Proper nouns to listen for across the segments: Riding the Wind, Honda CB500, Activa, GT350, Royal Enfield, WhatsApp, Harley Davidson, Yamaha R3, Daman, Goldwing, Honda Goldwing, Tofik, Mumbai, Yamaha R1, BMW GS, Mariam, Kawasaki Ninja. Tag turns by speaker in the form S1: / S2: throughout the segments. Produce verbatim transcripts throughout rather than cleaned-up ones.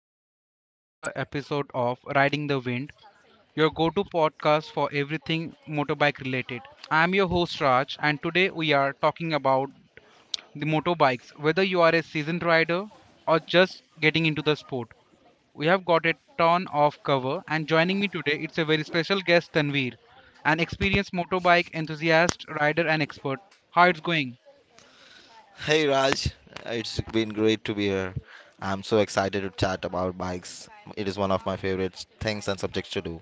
S1: everyone to another episode of Riding the Wind, your go to podcast for everything motorbike related. I am your host Raj, and today we are talking about the motorbikes. Whether you are a seasoned rider or just getting into the sport, we have got a ton of cover, and joining me today it's a very special guest Tanveer, an experienced motorbike enthusiast, rider, and expert. How it's going?
S2: Hey Raj, it's been great to be here. I'm so excited to chat about bikes. It is one of my favorite things and subjects to do.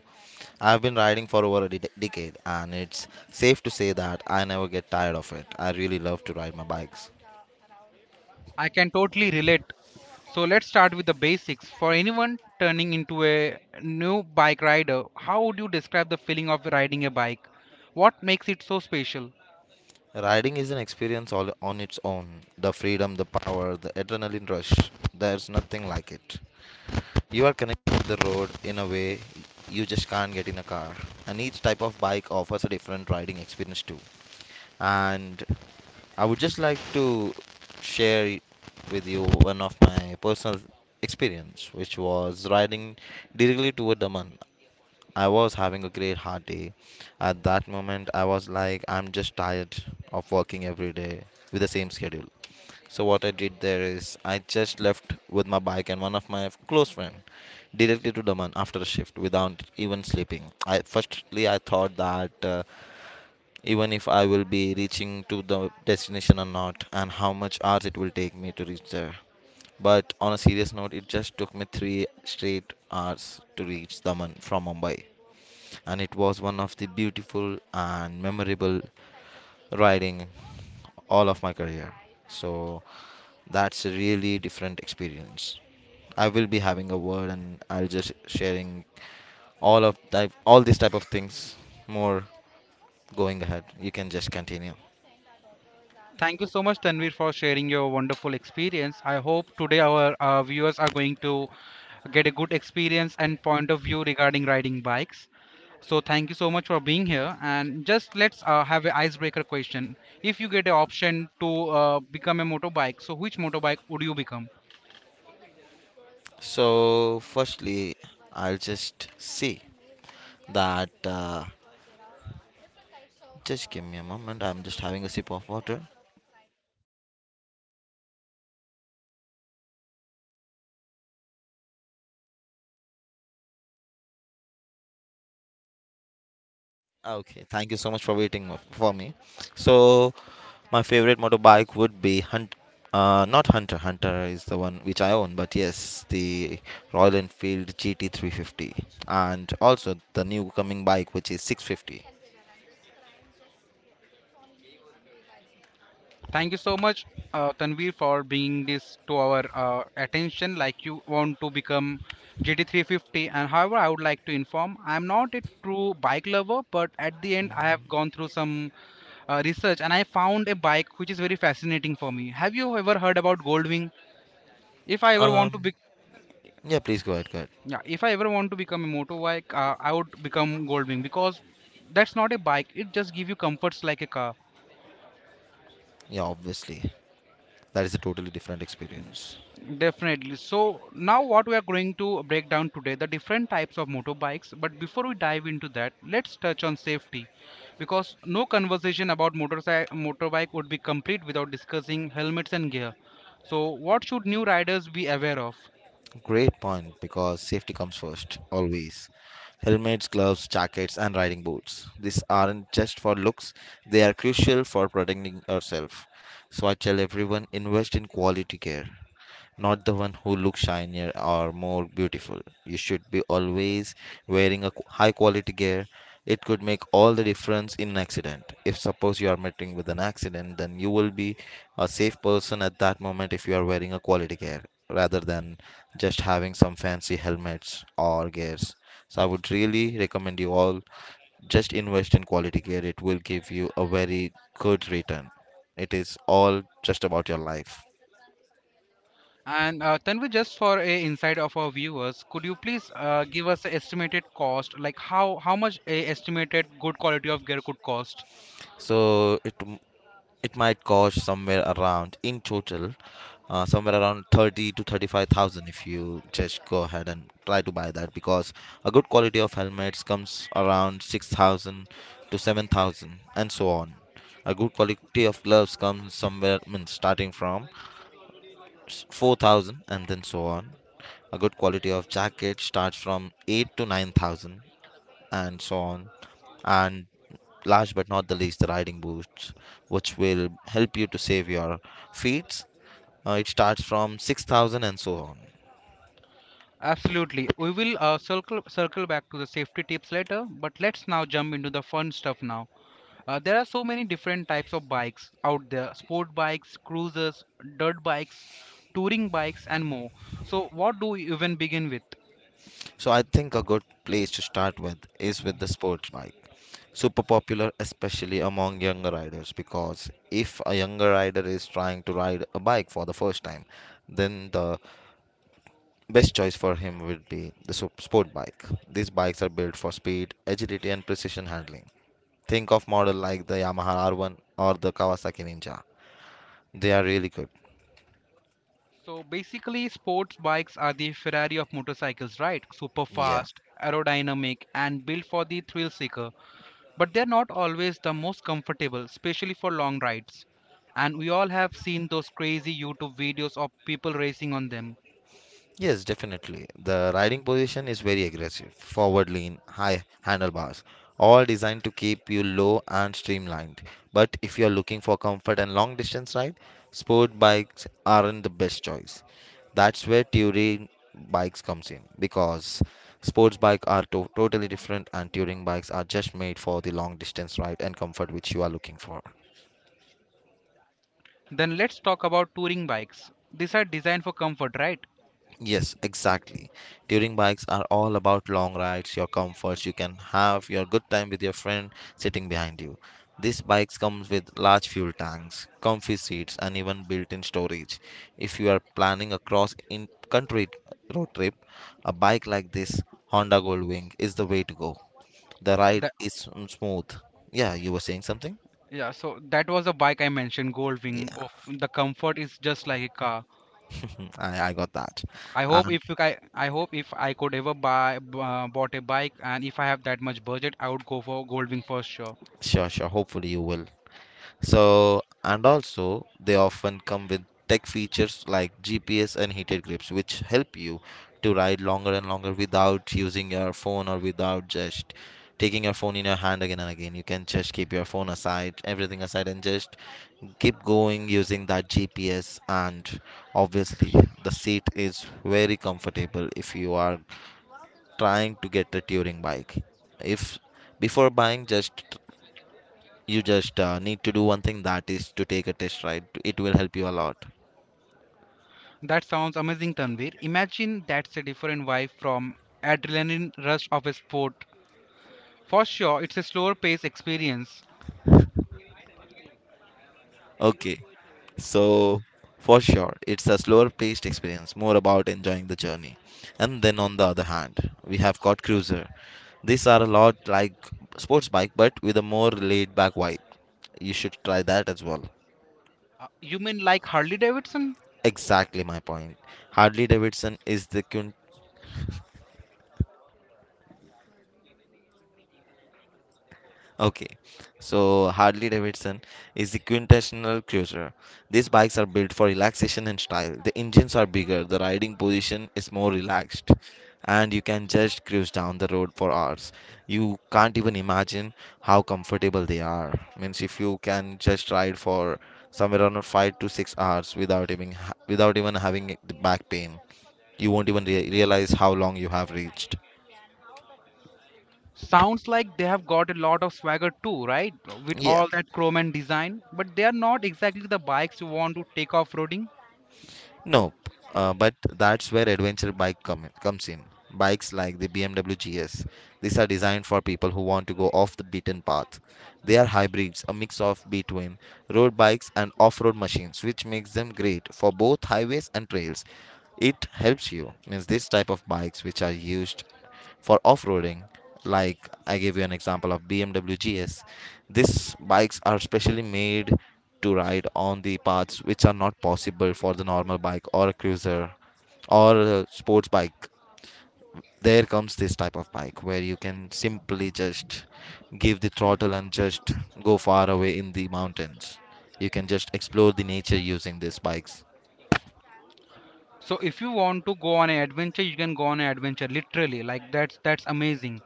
S2: I've been riding for over a de- decade, and it's safe to say that I never get tired of it. I really love to ride my bikes.
S1: I can totally relate. So let's start with the basics. For anyone turning into a new bike rider, how would you describe the feeling of riding a bike? What makes it so special?
S2: Riding is an experience all on its own. The freedom, the power, the adrenaline rush. There's nothing like it. You are connected with the road in a way you just can't get in a car. And each type of bike offers a different riding experience too. And I would just like to share with you one of my personal experience, which was riding directly toward Daman. I was having a great hard day. At that moment, I was like, I'm just tired of working every day with the same schedule. So what I did there is, I just left with my bike and one of my close friend directly to Daman after a shift without even sleeping. I firstly I thought that uh, even if I will be reaching to the destination or not, and how much hours it will take me to reach there. But on a serious note, it just took me three straight hours to reach Daman from Mumbai, and it was one of the beautiful and memorable riding all of my career. So that's a really different experience. I will be having a word, and I'll just sharing all of type, all these type of things more going ahead. You can just continue.
S1: Thank you so much, Tanvir, for sharing your wonderful experience. I hope today our uh, viewers are going to get a good experience and point of view regarding riding bikes. So thank you so much for being here. And just let's uh, have an icebreaker question. If you get an option to uh, become a motorbike, so which motorbike would you become?
S2: So, firstly, I'll just see that. Uh, just give me a moment. I'm just having a sip of water. Okay, thank you so much for waiting mo- for me. So, my favorite motorbike would be Hunt. Uh, not Hunter. Hunter is the one which I own, but yes, the Royal Enfield G T three fifty, and also the new coming bike, which is six fifty.
S1: Thank you so much, uh, Tanvir, for bringing this to our uh, attention. Like you want to become G T three fifty, and however, I would like to inform I'm not a true bike lover, but at the end, I have gone through some uh, research and I found a bike which is very fascinating for me. Have you ever heard about Goldwing? If I ever want to
S2: Um,
S1: be,
S2: yeah, please go ahead. Go ahead.
S1: yeah, if I ever want to become a motorbike, uh, I would become Goldwing because that's not a bike. It just gives you comforts like a car.
S2: Yeah, obviously, that is a totally different experience.
S1: Definitely. So now what we are going to break down today the different types of motorbikes. But before we dive into that, let's touch on safety, because no conversation about motorcycle motorbike would be complete without discussing helmets and gear. So what should new riders be aware of?
S2: Great point because safety comes first, always. Helmets, gloves, jackets, and riding boots. These aren't just for looks, they are crucial for protecting yourself. So I tell everyone, invest in quality care, not the one who looks shinier or more beautiful. You should be always wearing a high quality gear. It could make all the difference in an accident. If suppose you are meeting with an accident, then you will be a safe person at that moment if you are wearing a quality gear rather than just having some fancy helmets or gears. So I would really recommend you all, just invest in quality gear. It will give you a very good return. It is all just about your life.
S1: And uh, Tanvi, just for a insight of our viewers, could you please uh, give us an estimated cost, like how how much a estimated good quality of gear could cost?
S2: So it it might cost somewhere around in total, uh, somewhere around thirty to thirty-five thousand if you just go ahead and try to buy that, because a good quality of helmets comes around six thousand to seven thousand and so on. A good quality of gloves comes somewhere, I starting from s- four thousand and then so on. A good quality of jacket starts from eight to nine thousand and so on. And last but not the least, the riding boots, which will help you to save your feet. Uh, it starts from six thousand and so on.
S1: Absolutely. We will uh, circle circle back to the safety tips later, but let's now jump into the fun stuff now. Uh, there are so many different types of bikes out there: sport bikes, cruisers, dirt bikes, touring bikes, and more. So, what do we even begin with?
S2: So I think a good place to start with is with the sports bike. Super popular, especially among younger riders, because if a younger rider is trying to ride a bike for the first time, then the best choice for him would be the sup- sport bike. These bikes are built for speed, agility, and precision handling. Think of model like the Yamaha R one or the Kawasaki Ninja. They are really good.
S1: So, basically, sports bikes are the Ferrari of motorcycles, right? Super
S2: Yeah.
S1: fast, aerodynamic, and built for the thrill seeker. But they're not always the most comfortable, especially for long rides. And we all have seen those crazy YouTube videos of people racing on them.
S2: Yes, definitely. The riding position is very aggressive, forward lean, high handlebars, all designed to keep you low and streamlined. But if you're looking for comfort and long distance ride, sport bikes aren't the best choice. That's where touring bikes comes in, because sports bikes are to- totally different and touring bikes are just made for the long distance ride and comfort which you are looking for.
S1: Then let's talk about touring bikes. These are designed for comfort, right?
S2: Yes, exactly. Touring bikes are all about long rides, your comforts. You can have your good time with your friend sitting behind you. These bikes comes with large fuel tanks, comfy seats, and even built-in storage. If you are planning a cross-country road trip, a bike like this Honda Goldwing is the way to go. The ride
S1: That,
S2: is mm, smooth. Yeah, you were saying something?
S1: yeah, so that was a bike I mentioned,
S2: Yeah,
S1: Goldwing. Of The comfort is just like a car.
S2: I, I got that.
S1: I hope
S2: And
S1: if you, I, I hope if I could ever buy b- uh, bought a bike and if I have that much budget, I would go for Goldwing for sure.
S2: sure, sure. Hopefully you will. So, and also, they often come with tech features like G P S and heated grips, which help you to ride longer and longer without using your phone, or without just taking your phone in your hand again and again. You can just keep your phone aside, everything aside, and just keep going using that G P S. And obviously, the seat is very comfortable if you are trying to get a touring bike. If before buying, just you just uh, need to do one thing, that is to take a test ride. It will help you a lot.
S1: That sounds amazing, Tanvir. Imagine that's a different vibe from adrenaline rush of a sport. For sure, it's a slower pace experience.
S2: Okay, so for sure, it's a slower paced experience, more about enjoying the journey. And then on the other hand, we have got Cruiser. These are a lot like sports bike but with a more laid back vibe. You should try that as well.
S1: Uh, you mean like Harley Davidson?
S2: Exactly my point. Harley Davidson is the Okay, so Harley Davidson is the quintessential cruiser. These bikes are built for relaxation and style. The engines are bigger, the riding position is more relaxed, and you can just cruise down the road for hours. You can't even imagine how comfortable they are. Means if you can just ride for somewhere around five to six hours without even ha- without even having the back pain, you won't even rea- realize how long you have reached.
S1: Sounds like they have got a lot of swagger too, right? With
S2: Yeah.
S1: all that chrome and design, but they are not exactly the bikes you want to take off roading.
S2: No, uh, but that's where adventure bike come, comes in. Bikes like the B M W G S. These are designed for people who want to go off the beaten path. They are hybrids, a mix of between road bikes and off-road machines, which makes them great for both highways and trails. It helps you. Means this type of bikes which are used for off-roading, like I gave you an example of BMW GS, these bikes are specially made to ride on the paths which are not possible for the normal bike or a cruiser or a sports bike. There comes this type of bike where you can simply just give the throttle and just go far away in the mountains. You can just explore the nature using these bikes.
S1: So if you want to go on an adventure, you can go on an adventure literally. Like that's that's amazing.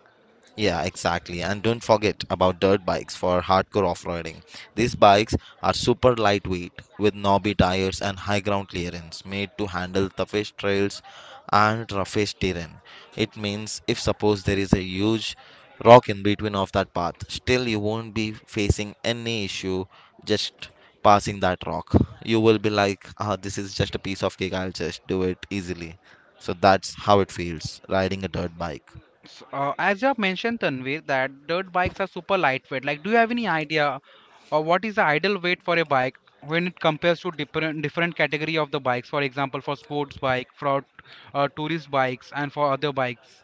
S2: Yeah, exactly. And don't forget about dirt bikes for hardcore off-roading. These bikes are super lightweight with knobby tires and high ground clearance, made to handle toughest trails and roughest terrain. It means if suppose there is a huge rock in between of that path, still you won't be facing any issue just passing that rock. You will be like, ah, this is just a piece of cake. I'll just do it easily. So that's how it feels riding a dirt bike.
S1: So, uh, as you have mentioned, Tanvir, that dirt bikes are super lightweight. Like, do you have any idea or what is the ideal weight for a bike when it compares to different different category of the bikes? For example, for sports bike, for uh, tourist bikes, and for other bikes.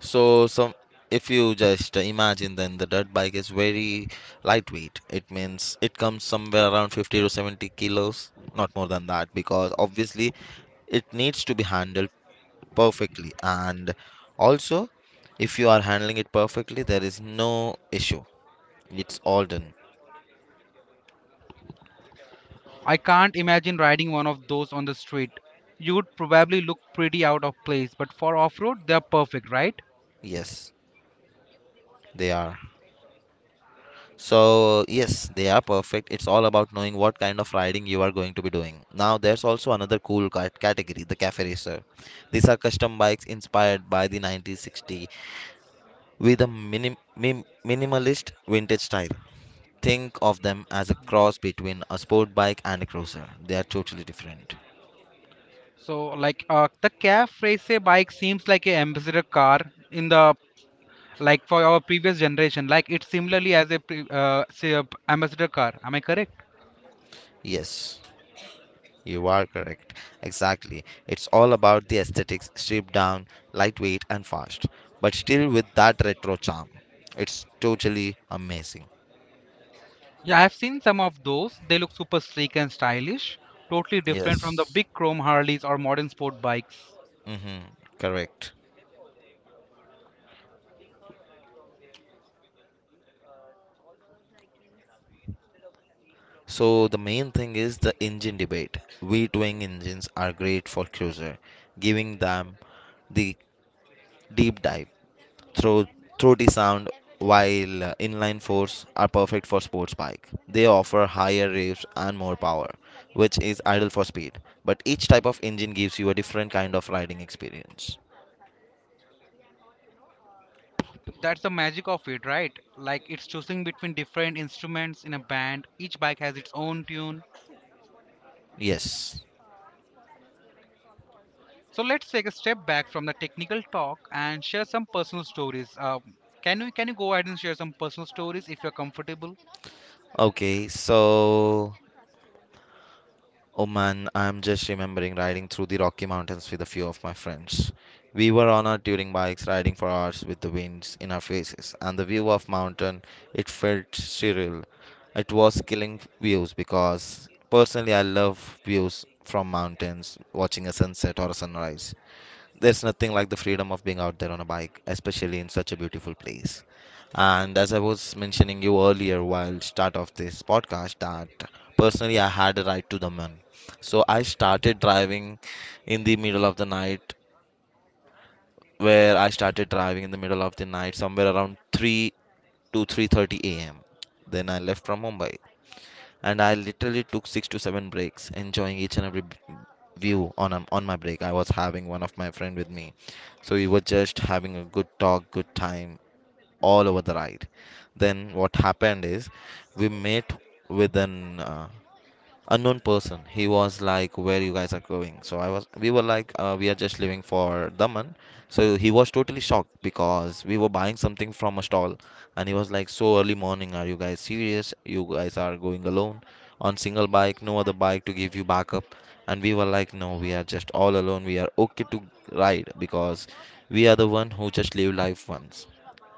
S2: So some, if you just imagine, then the dirt bike is very lightweight. It means it comes somewhere around fifty to seventy kilos, not more than that, because obviously it needs to be handled perfectly, and also, if you are handling it perfectly, there is no issue. It's all done.
S1: I can't imagine riding one of those on the street. You would probably look pretty out of place, but for off-road, they are perfect, right?
S2: Yes, they are. So, yes, they are perfect. It's all about knowing what kind of riding you are going to be doing. Now, there's also another cool cat- category, the cafe racer. These are custom bikes inspired by the nineteen sixty with a minim- mim- minimalist vintage style. Think of them as a cross between a sport bike and a cruiser. They are totally different.
S1: So, like, uh, the calf racer bike seems like a ambassador car in the, like, for our previous generation, like it's similarly as a pre- uh, say a p- ambassador car. Am I correct?
S2: Yes. You are correct. Exactly. It's all about the aesthetics, stripped down, lightweight, and fast, but still with that retro charm. It's totally amazing.
S1: Yeah, I've seen some of those. They look super sleek and stylish, totally different from the
S2: Yes.
S1: big chrome Harleys or modern sport bikes.
S2: Mm-hmm. Correct. So the main thing is the engine debate. V twin engines are great for cruiser, giving them the deep dive. throw, throaty sound, while uh, inline fours are perfect for sports bike. They offer higher revs and more power, which is ideal for speed. But each type of engine gives you a different kind of riding experience.
S1: That's the magic of it, right? Like, it's choosing between different instruments in a band. Each bike has its own tune.
S2: Yes.
S1: So let's take a step back from the technical talk and share some personal stories um, can you can you go ahead and share some personal stories if you're comfortable?
S2: Okay, so, oh man, I'm just remembering riding through the Rocky Mountains with a few of my friends. We were on our touring bikes riding for hours with the winds in our faces, and the view of mountain, it felt surreal. It was killing views, because personally I love views from mountains, watching a sunset or a sunrise. There's nothing like the freedom of being out there on a bike, especially in such a beautiful place. And as I was mentioning you earlier while start of this podcast that personally I had a ride to the Daman. So I started driving in the middle of the night, where I started driving in the middle of the night somewhere around three to three thirty a m. Then I left from Mumbai, and I literally took six to seven breaks, enjoying each and every b- view on um, on my break. I was having one of my friend with me, so we were just having a good talk, good time all over the ride. Then what happened is we met with an uh, unknown person. He was like, where you guys are going? So I was we were like, uh, we are just leaving for Daman. So he was totally shocked because we were buying something from a stall, and he was like, so early morning, are you guys serious? You guys are going alone on single bike, no other bike to give you backup? And we were like, no, we are just all alone, we are okay to ride, because we are the one who just live life once.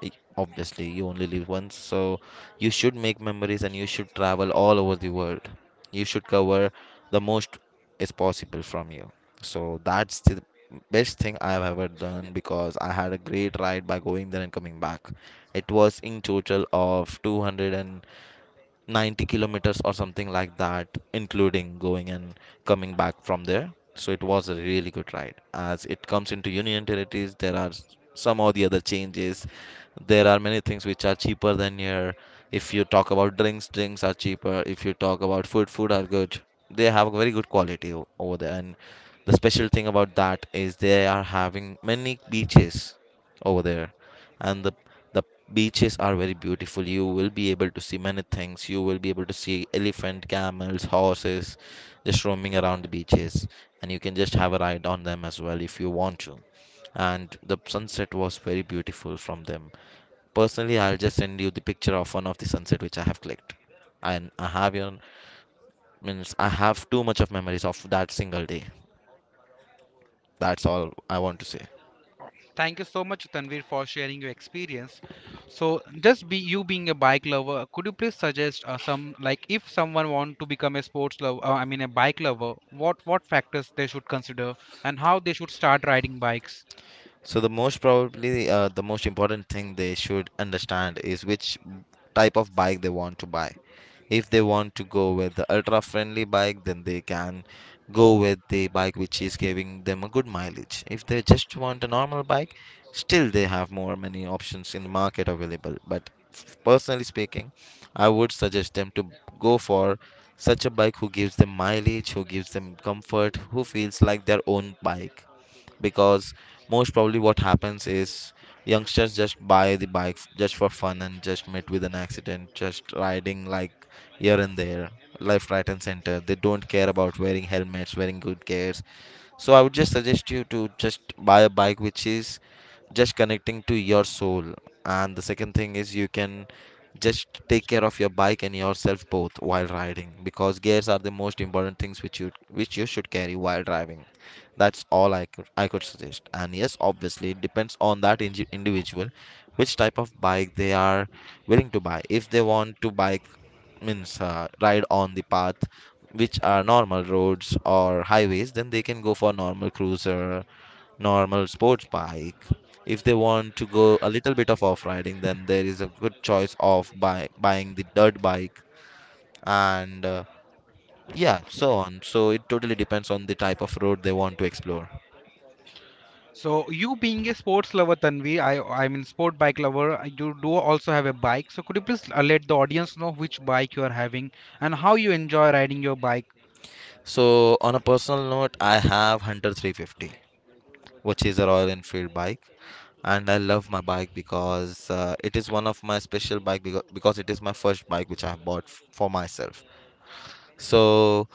S2: I- Obviously, you only live once, so you should make memories and you should travel all over the world. You should cover the most is possible from you. So that's the best thing I have ever done, because I had a great ride by going there and coming back. It was in total of two hundred and ninety kilometers or something like that, including going and coming back from there. So it was a really good ride. As it comes into Union territories, there are some or the other changes. There are many things which are cheaper than here. If you talk about drinks, drinks are cheaper. If you talk about food, food are good. They have very good quality o- over there. And the special thing about that is they are having many beaches over there. And the the beaches are very beautiful. You will be able to see many things. You will be able to see elephant, camels, horses just roaming around the beaches, and you can just have a ride on them as well if you want to. And the sunset was very beautiful from them. Personally, I'll just send you the picture of one of the sunset which I have clicked. And I have your means I have too much of memories of that single day. That's all I want to say.
S1: Thank you so much, Tanvir, for sharing your experience. So, just be you being a bike lover, could you please suggest uh, some, like, if someone want to become a sports lover, uh, I mean a bike lover, what what factors they should consider and how they should start riding bikes?
S2: So the most probably uh, the most important thing they should understand is which type of bike they want to buy. If they want to go with the ultra friendly bike, then they can go with the bike which is giving them a good mileage. If they just want a normal bike, still they have more many options in the market available. But f- personally speaking, I would suggest them to go for such a bike who gives them mileage, who gives them comfort, who feels like their own bike, because most probably what happens is youngsters just buy the bike f- just for fun and just met with an accident just riding like here and there, left right and center. They don't care about wearing helmets, wearing good gears. So I would just suggest you to just buy a bike which is just connecting to your soul. And the second thing is you can just take care of your bike and yourself both while riding, because gears are the most important things which you which you should carry while driving. That's all I could I could suggest. And yes, obviously it depends on that inji- individual which type of bike they are willing to buy. If they want to buy means uh, ride on the path which are normal roads or highways, then they can go for normal cruiser, normal sports bike. If they want to go a little bit of off riding, then there is a good choice of buy, buying the dirt bike, and uh, yeah, so on. So it totally depends on the type of road they want to explore.
S1: So, you being a sports lover, Tanvir, I I mean sport bike lover, uh, you do also have a bike. So, could you please uh, let the audience know which bike you are having and how you enjoy riding your bike?
S2: So on a personal note, I have Hunter three fifty, which is a Royal Enfield bike, and I love my bike because uh, it is one of my special bike because, because it is my first bike which I have bought f- for myself. So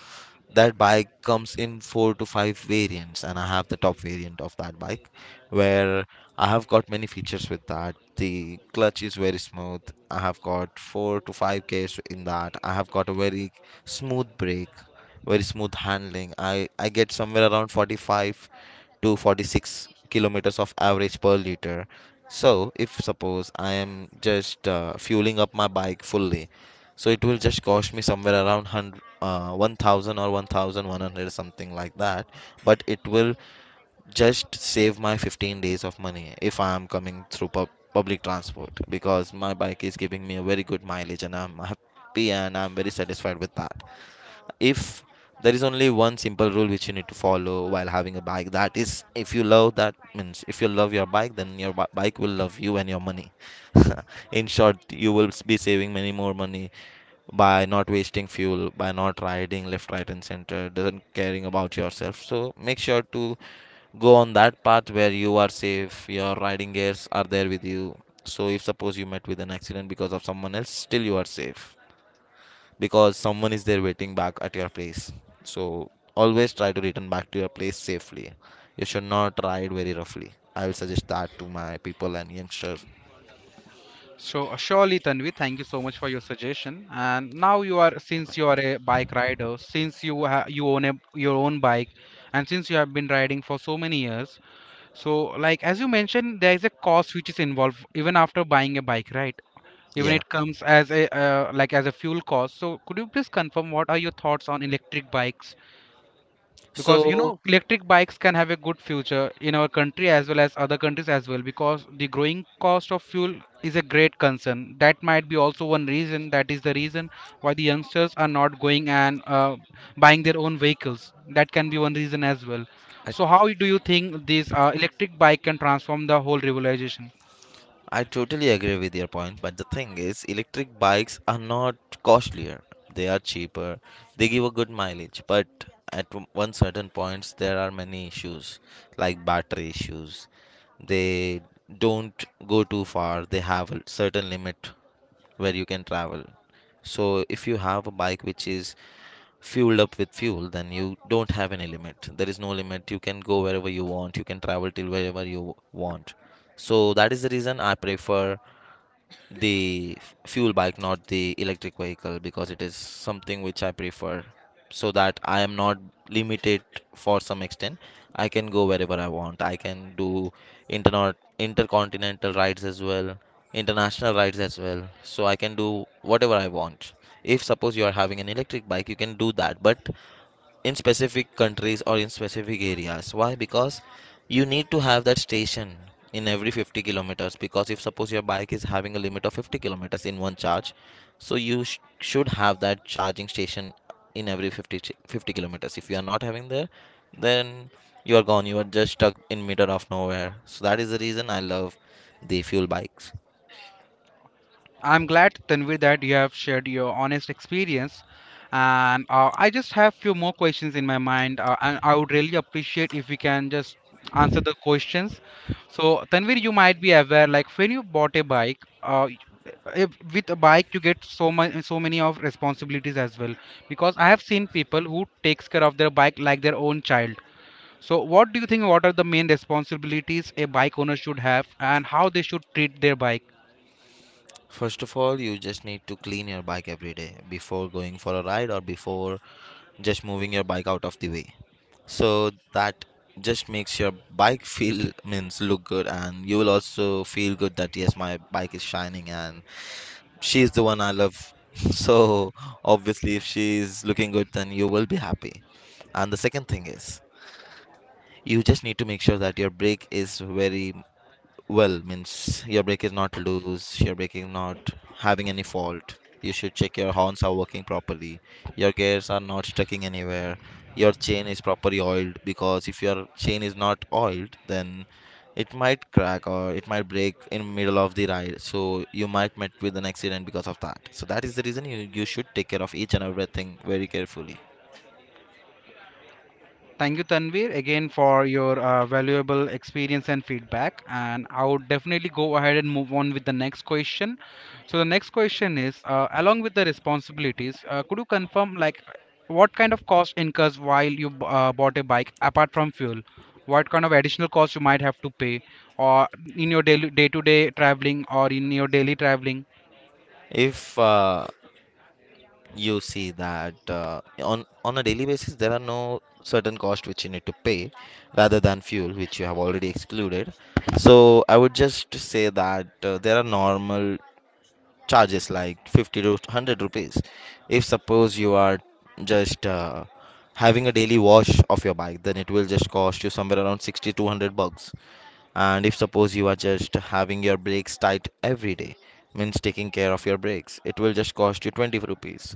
S2: that bike comes in four to five variants, and I have the top variant of that bike, where I have got many features with that. The clutch is very smooth. I have got four to five gears in that. I have got a very smooth brake, very smooth handling. I I get somewhere around forty-five to forty-six kilometers of average per liter. So, if suppose I am just uh, fueling up my bike fully, so it will just cost me somewhere around one hundred, uh, one thousand or one thousand one hundred something like that. But it will just save my fifteen days of money if I am coming through pub- public transport, because my bike is giving me a very good mileage, and I'm happy and I'm very satisfied with that. If there is only one simple rule which you need to follow while having a bike, that is, if you love, that means if you love your bike, then your bi- bike will love you and your money. In short, you will be saving many more money by not wasting fuel, by not riding left right and center, doesn't caring about yourself. So make sure to go on that path where you are safe, your riding gears are there with you, so if suppose you met with an accident because of someone else, still you are safe, because someone is there waiting back at your place. So always try to return back to your place safely. You should not ride very roughly. I will suggest that to my people and youngsters.
S1: So uh, surely, Tanvi, thank you so much for your suggestion. And now you are, since you are a bike rider, since you ha- you own a your own bike, and since you have been riding for so many years, so like as you mentioned, there is a cost which is involved even after buying a bike, right? Even
S2: Yeah.
S1: it comes as a uh, like, as a fuel cost. So could you please confirm what are your thoughts on electric bikes? Because you
S2: So
S1: know electric bikes can have a good future in our country as well as other countries as well, because the growing cost of fuel is a great concern. That might be also one reason, that is the reason why the youngsters are not going and uh, buying their own vehicles. That can be one reason as well.
S2: I
S1: So how do you think this uh, electric bike can transform the whole revolution?
S2: I totally agree with your point, but the thing is, electric bikes are not costlier. They are cheaper. They give a good mileage, but at w- one certain points there are many issues like battery issues. They don't go too far. They have a certain limit where you can travel. So if you have a bike which is fueled up with fuel, then you don't have any limit. There is no limit. You can go wherever you want. You can travel till wherever you want. So that is the reason I prefer the fuel bike, not the electric vehicle, because it is something which I prefer so that I am not limited for some extent. I can go wherever I want. I can do interna- intercontinental rides as well, international rides as well. So I can do whatever I want. If suppose you are having an electric bike, you can do that, but in specific countries or in specific areas. Why? Because you need to have that station in every fifty kilometers, because if suppose your bike is having a limit of fifty kilometers in one charge, so you sh- should have that charging station in every fifty ch- fifty kilometers. If you are not having there, then you are gone, you are just stuck in middle of nowhere. So that is the reason I love the fuel bikes.
S1: I'm glad, Tanvir, that you have shared your honest experience. And uh, I just have few more questions in my mind, uh, and I would really appreciate if we can just answer the questions. So, Tanvir, you might be aware, like when you bought a bike, uh, if, with a bike you get so much, so many of responsibilities as well. Because I have seen people who takes care of their bike like their own child. So, what do you think? What are the main responsibilities a bike owner should have, and how they should treat their bike?
S2: First of all, you just need to clean your bike every day before going for a ride or before just moving your bike out of the way, so that just makes your bike feel, means look good, and you will also feel good that yes, my bike is shining and she's the one I love. So obviously if she's looking good, then you will be happy. And the second thing is you just need to make sure that your brake is very well, means your brake is not loose, your braking not having any fault. You should check your horns are working properly. Your gears are not sticking anywhere. Your chain is properly oiled, because if your chain is not oiled, then it might crack or it might break in middle of the ride. So you might met with an accident because of that. So that is the reason you, you should take care of each and everything very carefully.
S1: Thank you, Tanvir, again for your uh, valuable experience and feedback. And I would definitely go ahead and move on with the next question. So the next question is, uh, along with the responsibilities, uh, could you confirm, like, what kind of cost incurs while you b- uh, bought a bike apart from fuel? What kind of additional cost you might have to pay, or in your daily day-to-day traveling, or in your daily traveling?
S2: If uh, you see that uh, on on a daily basis there are no certain cost which you need to pay rather than fuel which you have already excluded. So I would just say that uh, there are normal charges like fifty to one hundred rupees. If suppose you are just uh, having a daily wash of your bike, then it will just cost you somewhere around sixty to one hundred bucks. And if suppose you are just having your brakes tight every day, means taking care of your brakes, it will just cost you twenty rupees.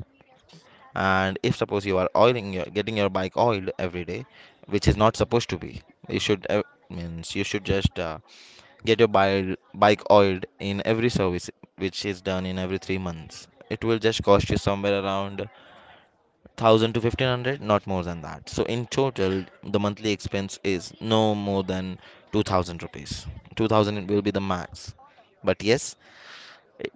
S2: And if suppose you are oiling your getting your bike oiled every day, which is not supposed to be. You should uh, means you should just uh, get your bike bike oiled in every service, which is done in every three months. It will just cost you somewhere around one thousand to fifteen hundred, not more than that. So in total the monthly expense is no more than two thousand rupees. two thousand will be the max. But yes, it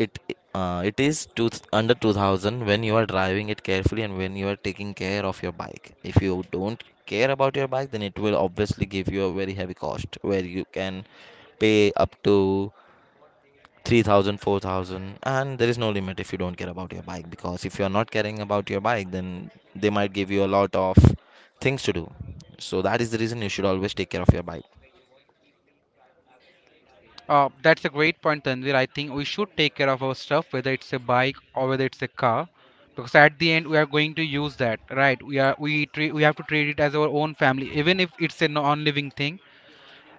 S2: it uh, it is two, under two thousand when you are driving it carefully and when you are taking care of your bike. If you don't care about your bike, then it will obviously give you a very heavy cost where you can pay up to three thousand, four thousand, and there is no limit if you don't care about your bike. Because if you are not caring about your bike, then they might give you a lot of things to do. So that is the reason you should always take care of your bike.
S1: Uh, that's a great point, Tanvir. I think we should take care of our stuff, whether it's a bike or whether it's a car, because at the end we are going to use that, right? We are we treat we have to treat it as our own family, even if it's a non-living thing.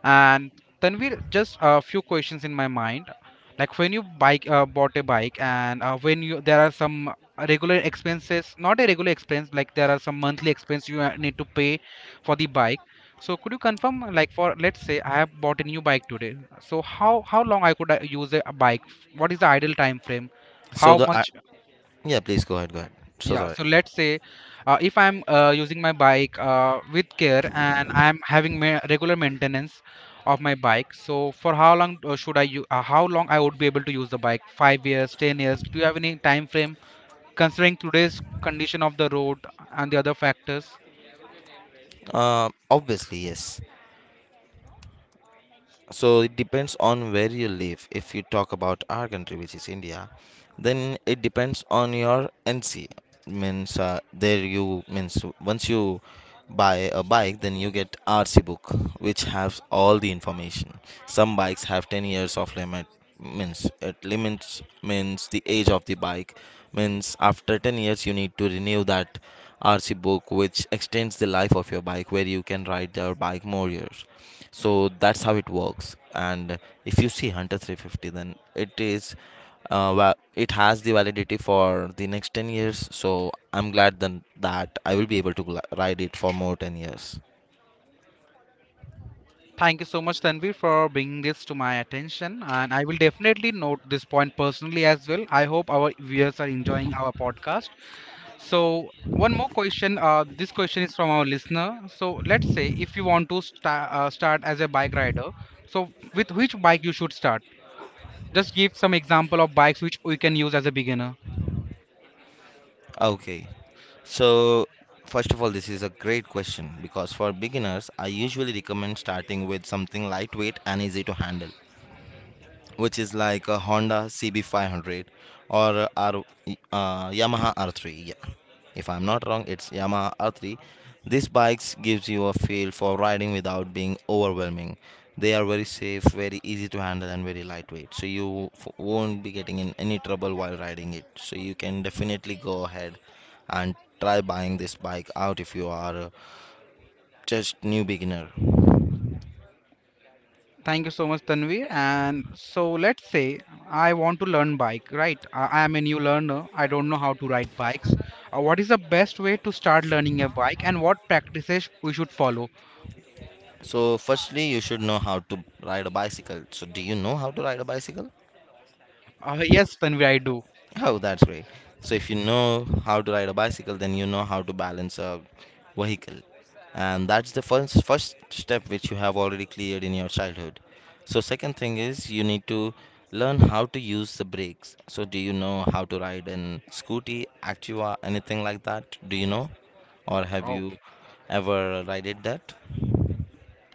S1: And Tanvir, just a few questions in my mind. Like when you bike uh, bought a bike, and uh, when you there are some regular expenses, not a regular expense, like there are some monthly expense you uh, need to pay for the bike. So could you confirm, like, for let's say I have bought a new bike today. So how how long I could uh, use a a bike? What is the ideal time frame?
S2: So
S1: How
S2: the uh,
S1: much
S2: yeah, please go ahead, go ahead. So
S1: yeah,
S2: sorry.
S1: so let's say uh, if I'm uh, using my bike uh, with care and I'm having ma regular maintenance of my bike, so for how long uh, should I u- uh, how long I would be able to use the bike? Five years, ten years? Do you have any time frame considering today's condition of the road and the other factors?
S2: uh, Obviously, yes. So it depends on where you live. If you talk about our country, which is India, then it depends on your NC, means, uh, there you, means once you buy a bike, then you get RC book, which has all the information. Some bikes have ten years of limit, means it limits, means the age of the bike, means after ten years you need to renew that RC book, which extends the life of your bike where you can ride your bike more years. So that's how it works. And if you see Hunter three fifty, then it is uh, well, it has the validity for the next ten years, so I'm glad then that I will be able to gl- ride it for more ten years.
S1: Thank you so much, Tanvi, for bringing this to my attention, and I will definitely note this point personally as well. I hope our viewers are enjoying our podcast. So one more question. Uh, this question is from our listener. So let's say if you want to sta- uh, start as a bike rider, so with which bike you should start? Just give some example of bikes which we can use as a beginner.
S2: Okay, so first of all, this is a great question because for beginners I usually recommend starting with something lightweight and easy to handle, which is like a Honda C B five hundred or a R, uh, Yamaha R three. Yeah. If I'm not wrong, it's Yamaha R three. These bikes gives you a feel for riding without being overwhelming. They are very safe, very easy to handle, and very lightweight. So you f- won't be getting in any trouble while riding it. So you can definitely go ahead and try buying this bike out if you are uh, just new beginner.
S1: Thank you so much, Tanvi. And so let's say I want to learn bike, right? I, I am a new learner. I don't know how to ride bikes. Uh, what is the best way to start learning a bike, and what practices we should follow?
S2: So firstly, you should know how to ride a bicycle. So do you know how to ride a bicycle?
S1: Uh, yes, Tanvi, I do.
S2: Oh, that's great. So if you know how to ride a bicycle, then you know how to balance a vehicle. And that's the first first step which you have already cleared in your childhood. So second thing is you need to learn how to use the brakes. So do you know how to ride an scooty, Activa, anything like that? Do you know? Or have
S1: Oh,
S2: you ever rided that?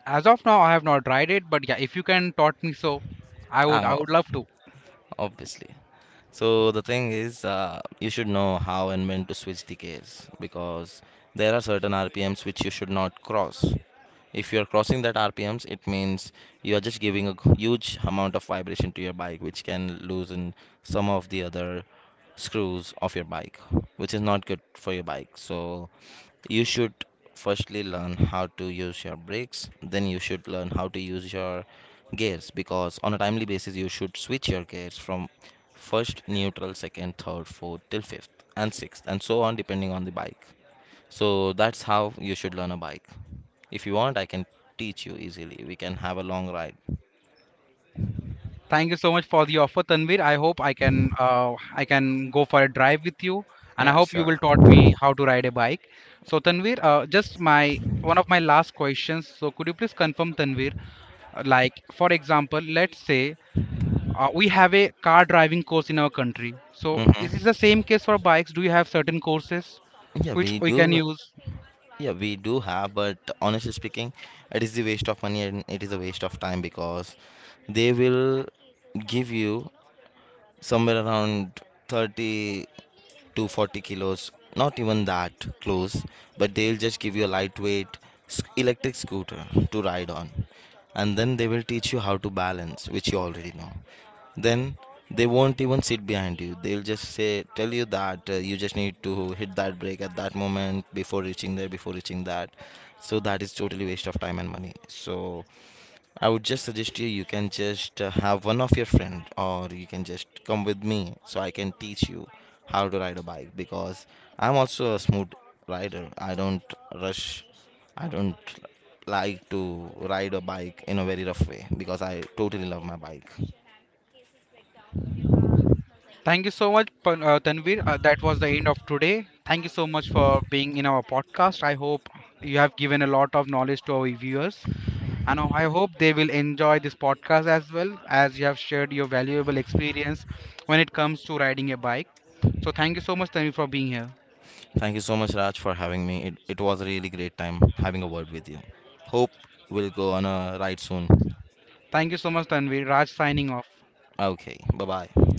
S1: As of now, I have not tried it, but yeah, if you can taught me so, I
S2: Ah,
S1: would I
S2: o-
S1: would love to.
S2: obviously. So the thing is, uh, you should know how and when to switch the gears because there are certain R P Ms which you should not cross. If you are crossing that R P Ms, it means you are just giving a g- huge amount of vibration to your bike, which can loosen some of the other screws of your bike, which is not good for your bike. So you should firstly learn how to use your brakes, then you should learn how to use your gears because on a timely basis you should switch your gears from first neutral, second, third, fourth till fifth and sixth and so on, depending on the bike. So that's how you should learn a bike. If you want, I can teach you easily. We can have a long ride.
S1: Thank you so much for the offer, Tanvir. I hope I can uh, I can go for a drive with you, and I
S2: Yeah,
S1: hope you
S2: sure.
S1: will taught me how to ride a bike. So Tanvir, uh, just my one of my last questions. So could you please confirm, Tanvir, uh, like for example, let's say uh, we have a car driving course in our country. So is
S2: Mm-hmm.
S1: this the same case for bikes? Do you have certain courses
S2: Yeah, we
S1: which we
S2: do.
S1: can use?
S2: Yeah, we do have, but honestly speaking, it is the waste of money and it is a waste of time because they will give you somewhere around thirty to forty kilos, not even that close, but they'll just give you a lightweight s- electric scooter to ride on. And then they will teach you how to balance, which you already know. Then they won't even sit behind you. They'll just say tell you that uh, you just need to hit that break at that moment, before reaching there, before reaching that. So that is totally waste of time and money. So I would just suggest you, you can just uh, have one of your friend, or you can just come with me, so I can teach you how to ride a bike. Because I'm also a smooth rider. I don't rush. I don't like to ride a bike in a very rough way because I totally love my bike.
S1: Thank you so much, Pan- uh, Tanvir. Uh, that was the end of today. Thank you so much for being in our podcast. I hope you have given a lot of knowledge to our viewers, and I hope they will enjoy this podcast as well as you have shared your valuable experience when it comes to riding a bike. So, thank you so much, Tanvir, for being here.
S2: Thank you so much, Raj, for having me. It, it was a really great time having a word with you. Hope we'll go on a ride soon.
S1: Thank you so much, Tanvir. Raj signing off.
S2: Okay, bye bye.